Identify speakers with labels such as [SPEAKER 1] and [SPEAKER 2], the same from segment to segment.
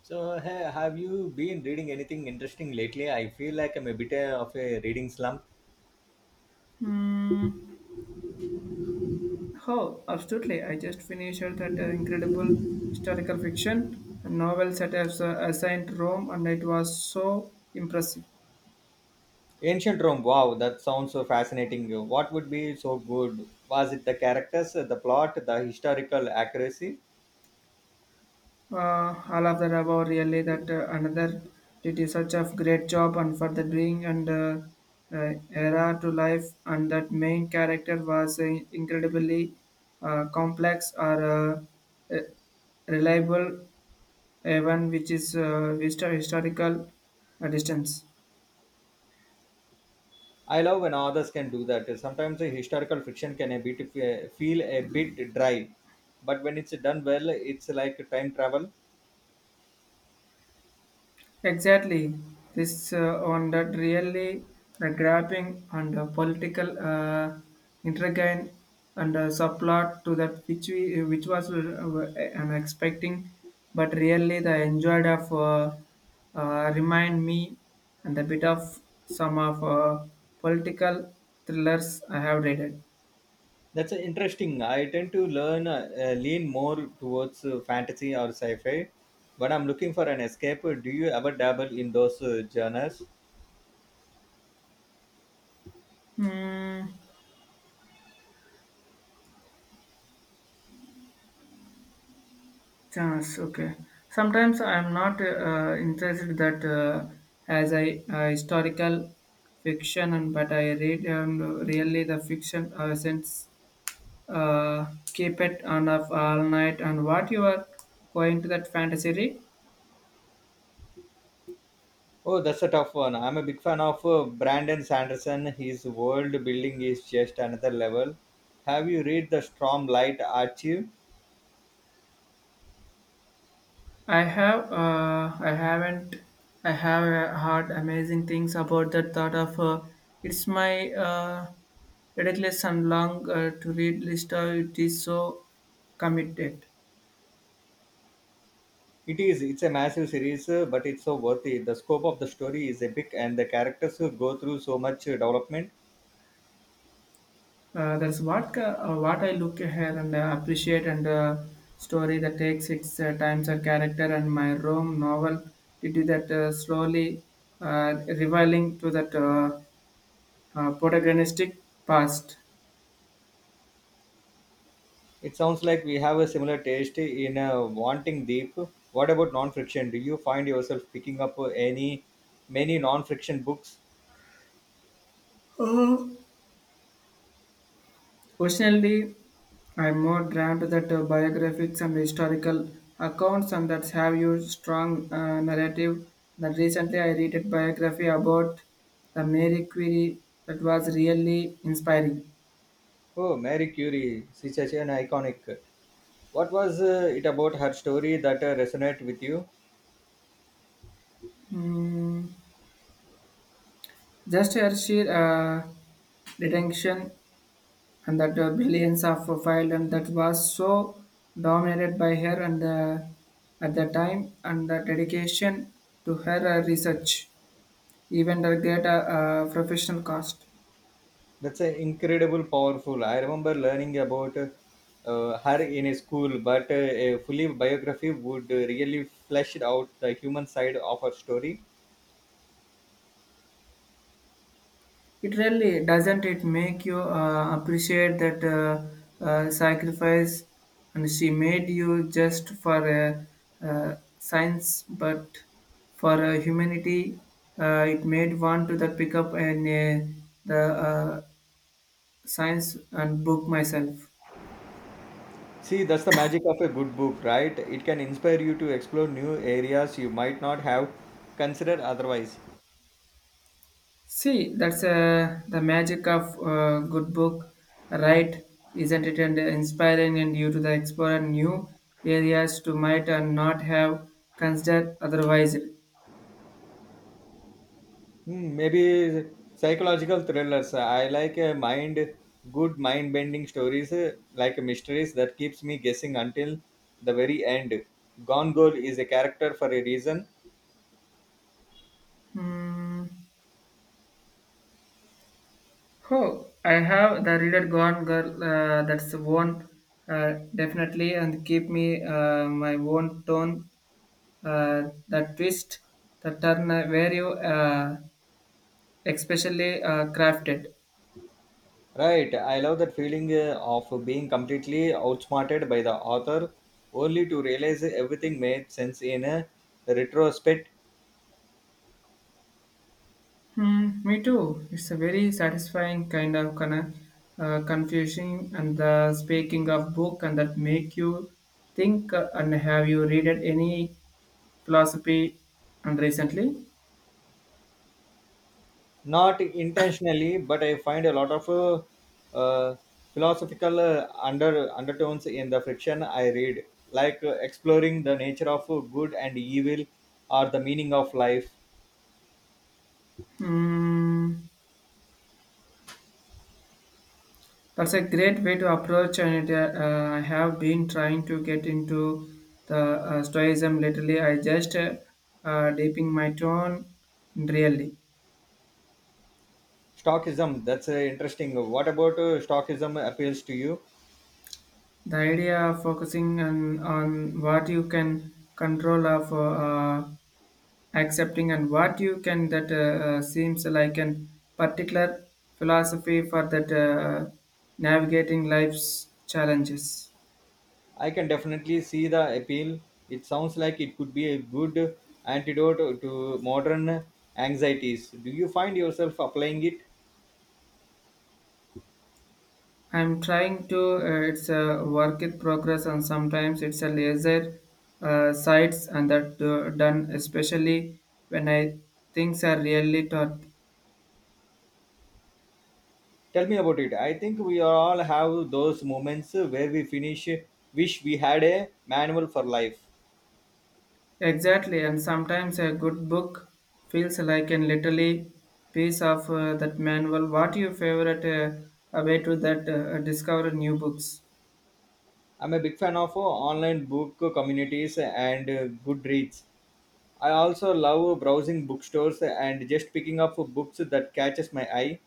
[SPEAKER 1] So, have you been reading anything interesting lately? I feel like I'm a bit of a reading slump.
[SPEAKER 2] Hmm. Oh, absolutely. I just finished that incredible historical fiction novel set as assigned Rome, and it was so impressive.
[SPEAKER 1] Ancient Rome, wow, that sounds so fascinating. What would be so good? Was it the characters, the plot, the historical accuracy?
[SPEAKER 2] All of the above, really. That another did a such a great job and for the bring and era to life, and that main character was incredibly complex or uh, reliable, even, which is historical distance.
[SPEAKER 1] I love when authors can do that. Sometimes the historical fiction can a bit feel a bit dry, but when it's done well, it's like time travel.
[SPEAKER 2] Exactly. This on that really the grabbing and political intrigue and subplot to that which we which was I'm expecting, but really the enjoyed of remind me and the bit of some of political thrillers I have read.
[SPEAKER 1] That's interesting. I tend to learn lean more towards fantasy or sci-fi when I'm looking for an escape. Do you ever dabble in those genres?
[SPEAKER 2] Hmm. Chance, okay. Sometimes I am not interested that as I historical fiction, and but I read and really the fiction since uh, keep it on of all night. And what you are going to that fantasy read?
[SPEAKER 1] Oh, that's a tough one. I'm a big fan of Brandon Sanderson. His world building is just another level. Have you read the Storm Light Archive?
[SPEAKER 2] I have I haven't I have heard amazing things about that thought of it's my ridiculous and long to read list. It is so committed.
[SPEAKER 1] It is. It's a massive series, but it's so worth it. The scope of the story is epic, and the characters go through so much development.
[SPEAKER 2] What I look here and appreciate and story that takes its times a character, and my Rome novel did do that slowly revealing to that protagonistic past.
[SPEAKER 1] It sounds like we have a similar taste in wanting deep. What about non-fiction? Do you find yourself picking up any many non-fiction books?
[SPEAKER 2] Oh, personally, I'm more drawn to that biographies and historical accounts and that have used strong narrative. That recently I read a biography about the Mary Curie that was really inspiring.
[SPEAKER 1] Oh, Mary Curie, she's such an iconic. What was it about her story that resonated with you?
[SPEAKER 2] Mm, just her sheer detention and that billions of file, and that was so dominated by her and at the time, and the dedication to her research even the greater professional cost.
[SPEAKER 1] That's incredible, powerful. I remember learning about her in a school, but a fully biography would really flesh out the human side of her story.
[SPEAKER 2] It really doesn't it make you appreciate that sacrifice, and she made you just for a, science but for humanity. It made one to the pick up and the uh, science and book myself.
[SPEAKER 1] See, that's the magic of a good book, right? It can inspire you to explore new areas you might not have considered otherwise.
[SPEAKER 2] See, that's the magic of good book, right? Isn't it, and inspiring and you to the explore new areas to might and not have considered otherwise.
[SPEAKER 1] Hmm, maybe psychological thrillers. I like a mind, good mind-bending stories like mysteries that keeps me guessing until the very end. Gone Girl is a character for a reason,
[SPEAKER 2] Hmm. Oh, I have the reader gone girl. That's one definitely and keep me my own tone. The twist, the turn, where you especially crafted.
[SPEAKER 1] right? I love that feeling of being completely outsmarted by the author, only to realize everything made sense in a retrospect.
[SPEAKER 2] Hmm, me too. It's a very satisfying kind of confusing, and the speaking of book and that make you think, and have you read any philosophy and recently?
[SPEAKER 1] Not intentionally, but I find a lot of philosophical undertones in the fiction I read, like exploring the nature of good and evil, or the meaning of life.
[SPEAKER 2] Hmm, that's a great way to approach and it. I have been trying to get into the stoicism lately. I just dipping my tone in really.
[SPEAKER 1] Stoicism. That's interesting. What about Stoicism appeals to you?
[SPEAKER 2] The idea of focusing on what you can control of accepting and what you can that seems like an particular philosophy for that navigating life's challenges.
[SPEAKER 1] I can definitely see the appeal. It sounds like it could be a good antidote to modern anxieties. Do you find yourself applying it?
[SPEAKER 2] I'm trying to, it's a work in progress, and sometimes it's a laser sites and that done, especially when I things are really taught.
[SPEAKER 1] Tell me about it. I think we all have those moments where we finish wish we had a manual for life.
[SPEAKER 2] Exactly, and sometimes a good book feels like a literally piece of that manual. What your favorite way to that discover new books?
[SPEAKER 1] I'm a big fan of online book communities and Goodreads. I also love browsing bookstores and just picking up books that catches my eye.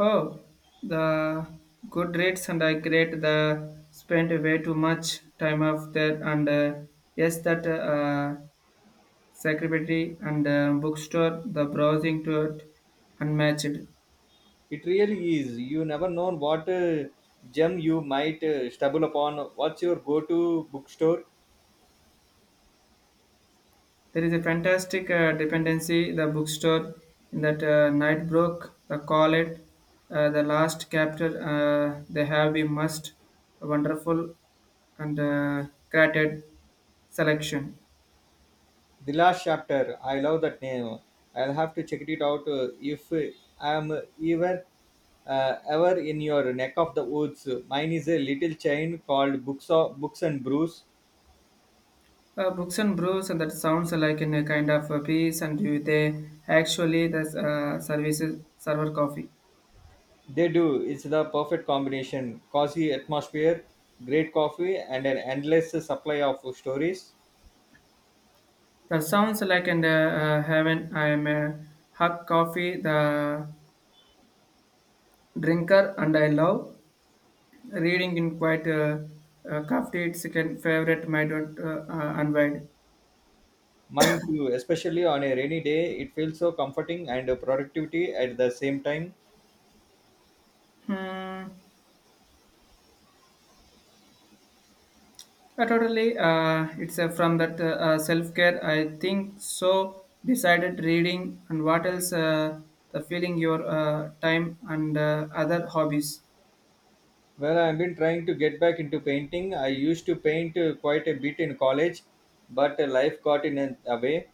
[SPEAKER 2] Oh, the good rates and I create the spent way too much time of that, and yes that secretary and bookstore the browsing to it unmatched.
[SPEAKER 1] It really is. You never know what gem you might stumble upon. What's your go-to bookstore?
[SPEAKER 2] There is a fantastic dependency, the bookstore in that Nightbrook, the Collet, the last chapter, they have a must, wonderful and curated selection.
[SPEAKER 1] The Last Chapter. I love that name. I'll have to check it out if I am ever. Ever in your neck of the woods. Mine is a little chain called Books and Brews.
[SPEAKER 2] Books and brews, and that sounds like in a kind of a piece, and you, they actually the services server coffee.
[SPEAKER 1] They do. It's the perfect combination: cozy atmosphere, great coffee, and an endless supply of stories.
[SPEAKER 2] That sounds like in the heaven. I am a hug coffee, the drinker, and I love reading in quite a coffee second favorite might not unwind.
[SPEAKER 1] Mine too, especially on a rainy day, it feels so comforting and productivity at the same time.
[SPEAKER 2] Hmm. Totally. It's from that self-care, I think. So decided reading and what else? The feeling your time and other hobbies.
[SPEAKER 1] Well, I've been trying to get back into painting. I used to paint quite a bit in college, but life got in a way.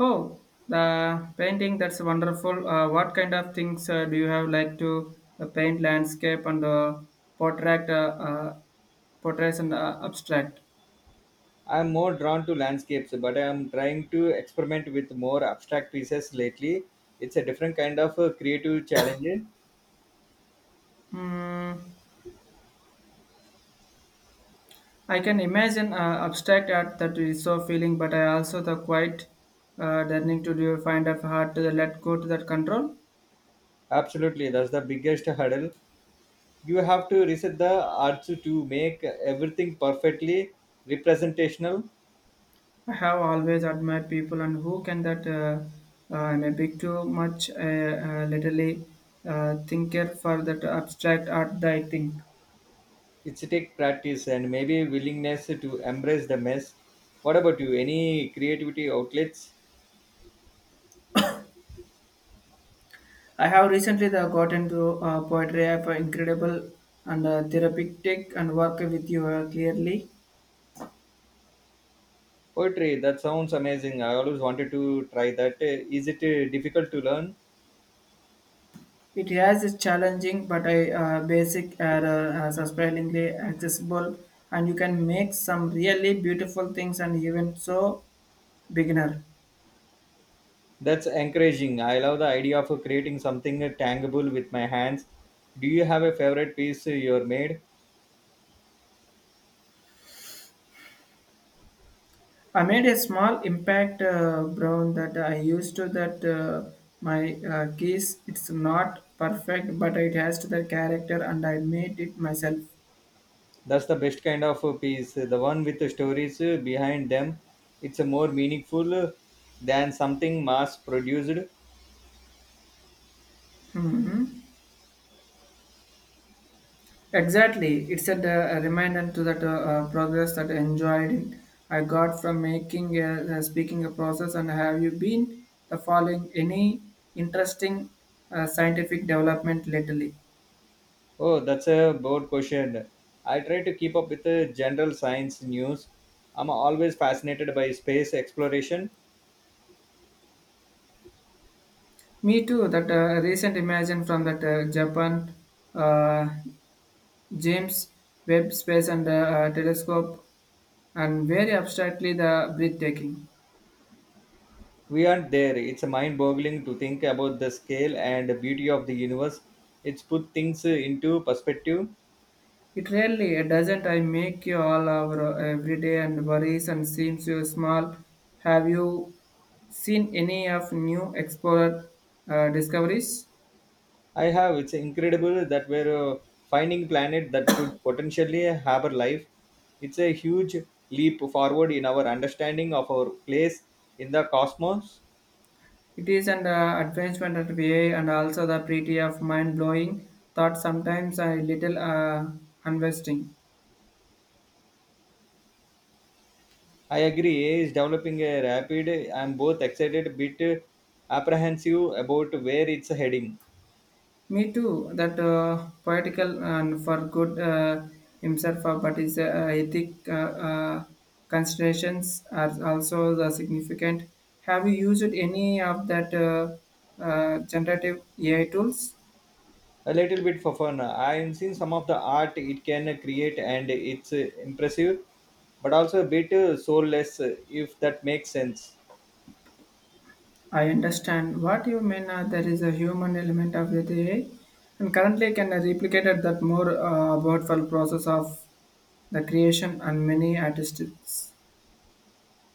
[SPEAKER 2] Oh, the painting. That's wonderful. What kind of things do you have like to paint? Landscape and portrait, portraits and abstract?
[SPEAKER 1] I'm more drawn to landscapes, but I'm trying to experiment with more abstract pieces lately. It's a different kind of creative challenge.
[SPEAKER 2] Hmm. I can imagine abstract art that is so feeling, but I also the quite learning to do find of hard to let go to that control.
[SPEAKER 1] Absolutely, that's the biggest hurdle. You have to reset the arts to make everything perfectly representational.
[SPEAKER 2] I have always admired people and who can that I'm a be too much literally thinker for that abstract art. That I think
[SPEAKER 1] It's take practice and maybe willingness to embrace the mess. What about you? Any creativity outlets?
[SPEAKER 2] I have recently the got into poetry of incredible and therapeutic and work with you clearly.
[SPEAKER 1] Poetry, that sounds amazing. I always wanted to try that. Is it difficult to learn?
[SPEAKER 2] It has its challenging, but a basic error are surprisingly accessible, and you can make some really beautiful things. And even so, beginner,
[SPEAKER 1] That's encouraging. I love the idea of creating something tangible with my hands. Do you have a favorite piece you're made?
[SPEAKER 2] I made a small impact brown that I used to that my keys. It's not perfect, but it has to the character, and I made it myself.
[SPEAKER 1] That's the best kind of piece, the one with the stories behind them. It's more meaningful than something mass produced.
[SPEAKER 2] Mhm. Exactly, it's a reminder to that progress that I enjoyed it. I got from making a, speaking a process. And have you been the following any interesting scientific development lately?
[SPEAKER 1] Oh, that's a broad question. I try to keep up with the general science news. I'm always fascinated by space exploration.
[SPEAKER 2] Me too. That recent imagine from that Japan uh, James Webb Space and Telescope, and very abstractly the breathtaking.
[SPEAKER 1] We aren't there. It's mind boggling to think about the scale and the beauty of the universe. It's put things into perspective.
[SPEAKER 2] It really doesn't. I make you all our every day and worries and seems you small. Have you seen any of new explorer discoveries?
[SPEAKER 1] I have. It's incredible that we're finding planet that could potentially harbor life. It's a huge leap forward in our understanding of our place in the cosmos.
[SPEAKER 2] It is an advancement at VA and also the pretty of mind blowing thought sometimes a little investing.
[SPEAKER 1] I agree. AI is developing a rapid. I'm both excited, a bit apprehensive about where it's heading.
[SPEAKER 2] Me too. That poetical and for good himself, but his ethic considerations are also the significant. Have you used any of that generative AI tools?
[SPEAKER 1] A little bit for fun. I am seeing some of the art it can create and it's impressive, but also a bit soulless, if that makes sense.
[SPEAKER 2] I understand what you mean. There is a human element of the AI, and currently can replicate that more, about the process of the creation and many artists.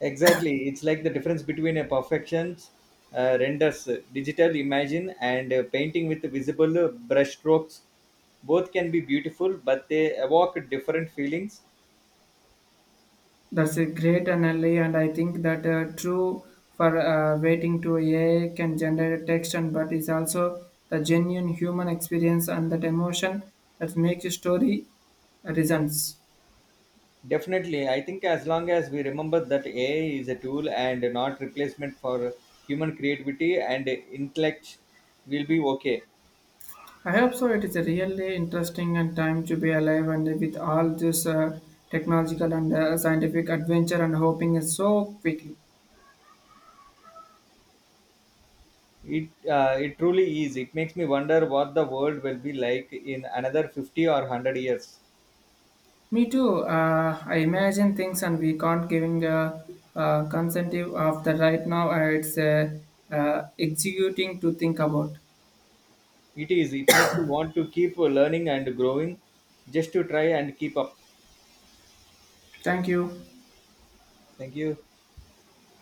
[SPEAKER 1] Exactly, it's like the difference between a perfections renders digital imagine and painting with visible brushstrokes. Both can be beautiful, but they evoke different feelings.
[SPEAKER 2] That's a great analogy, and I think that true for waiting to AI can generate text, and but is also the genuine human experience and that emotion that makes a story resonance.
[SPEAKER 1] Definitely, I think as long as we remember that AI is a tool and not replacement for human creativity and intellect, we'll be okay.
[SPEAKER 2] I hope so. It is a really interesting and time to be alive, and with all this technological and scientific adventure, and hoping is so quickly.
[SPEAKER 1] It it truly is. It makes me wonder what the world will be like in another 50 or 100 years.
[SPEAKER 2] Me too. I imagine things, and we can't giving a consentive of the right now. It's executing to think about.
[SPEAKER 1] It is. It makes you want to keep learning and growing just to try and keep up.
[SPEAKER 2] Thank you.
[SPEAKER 1] Thank you.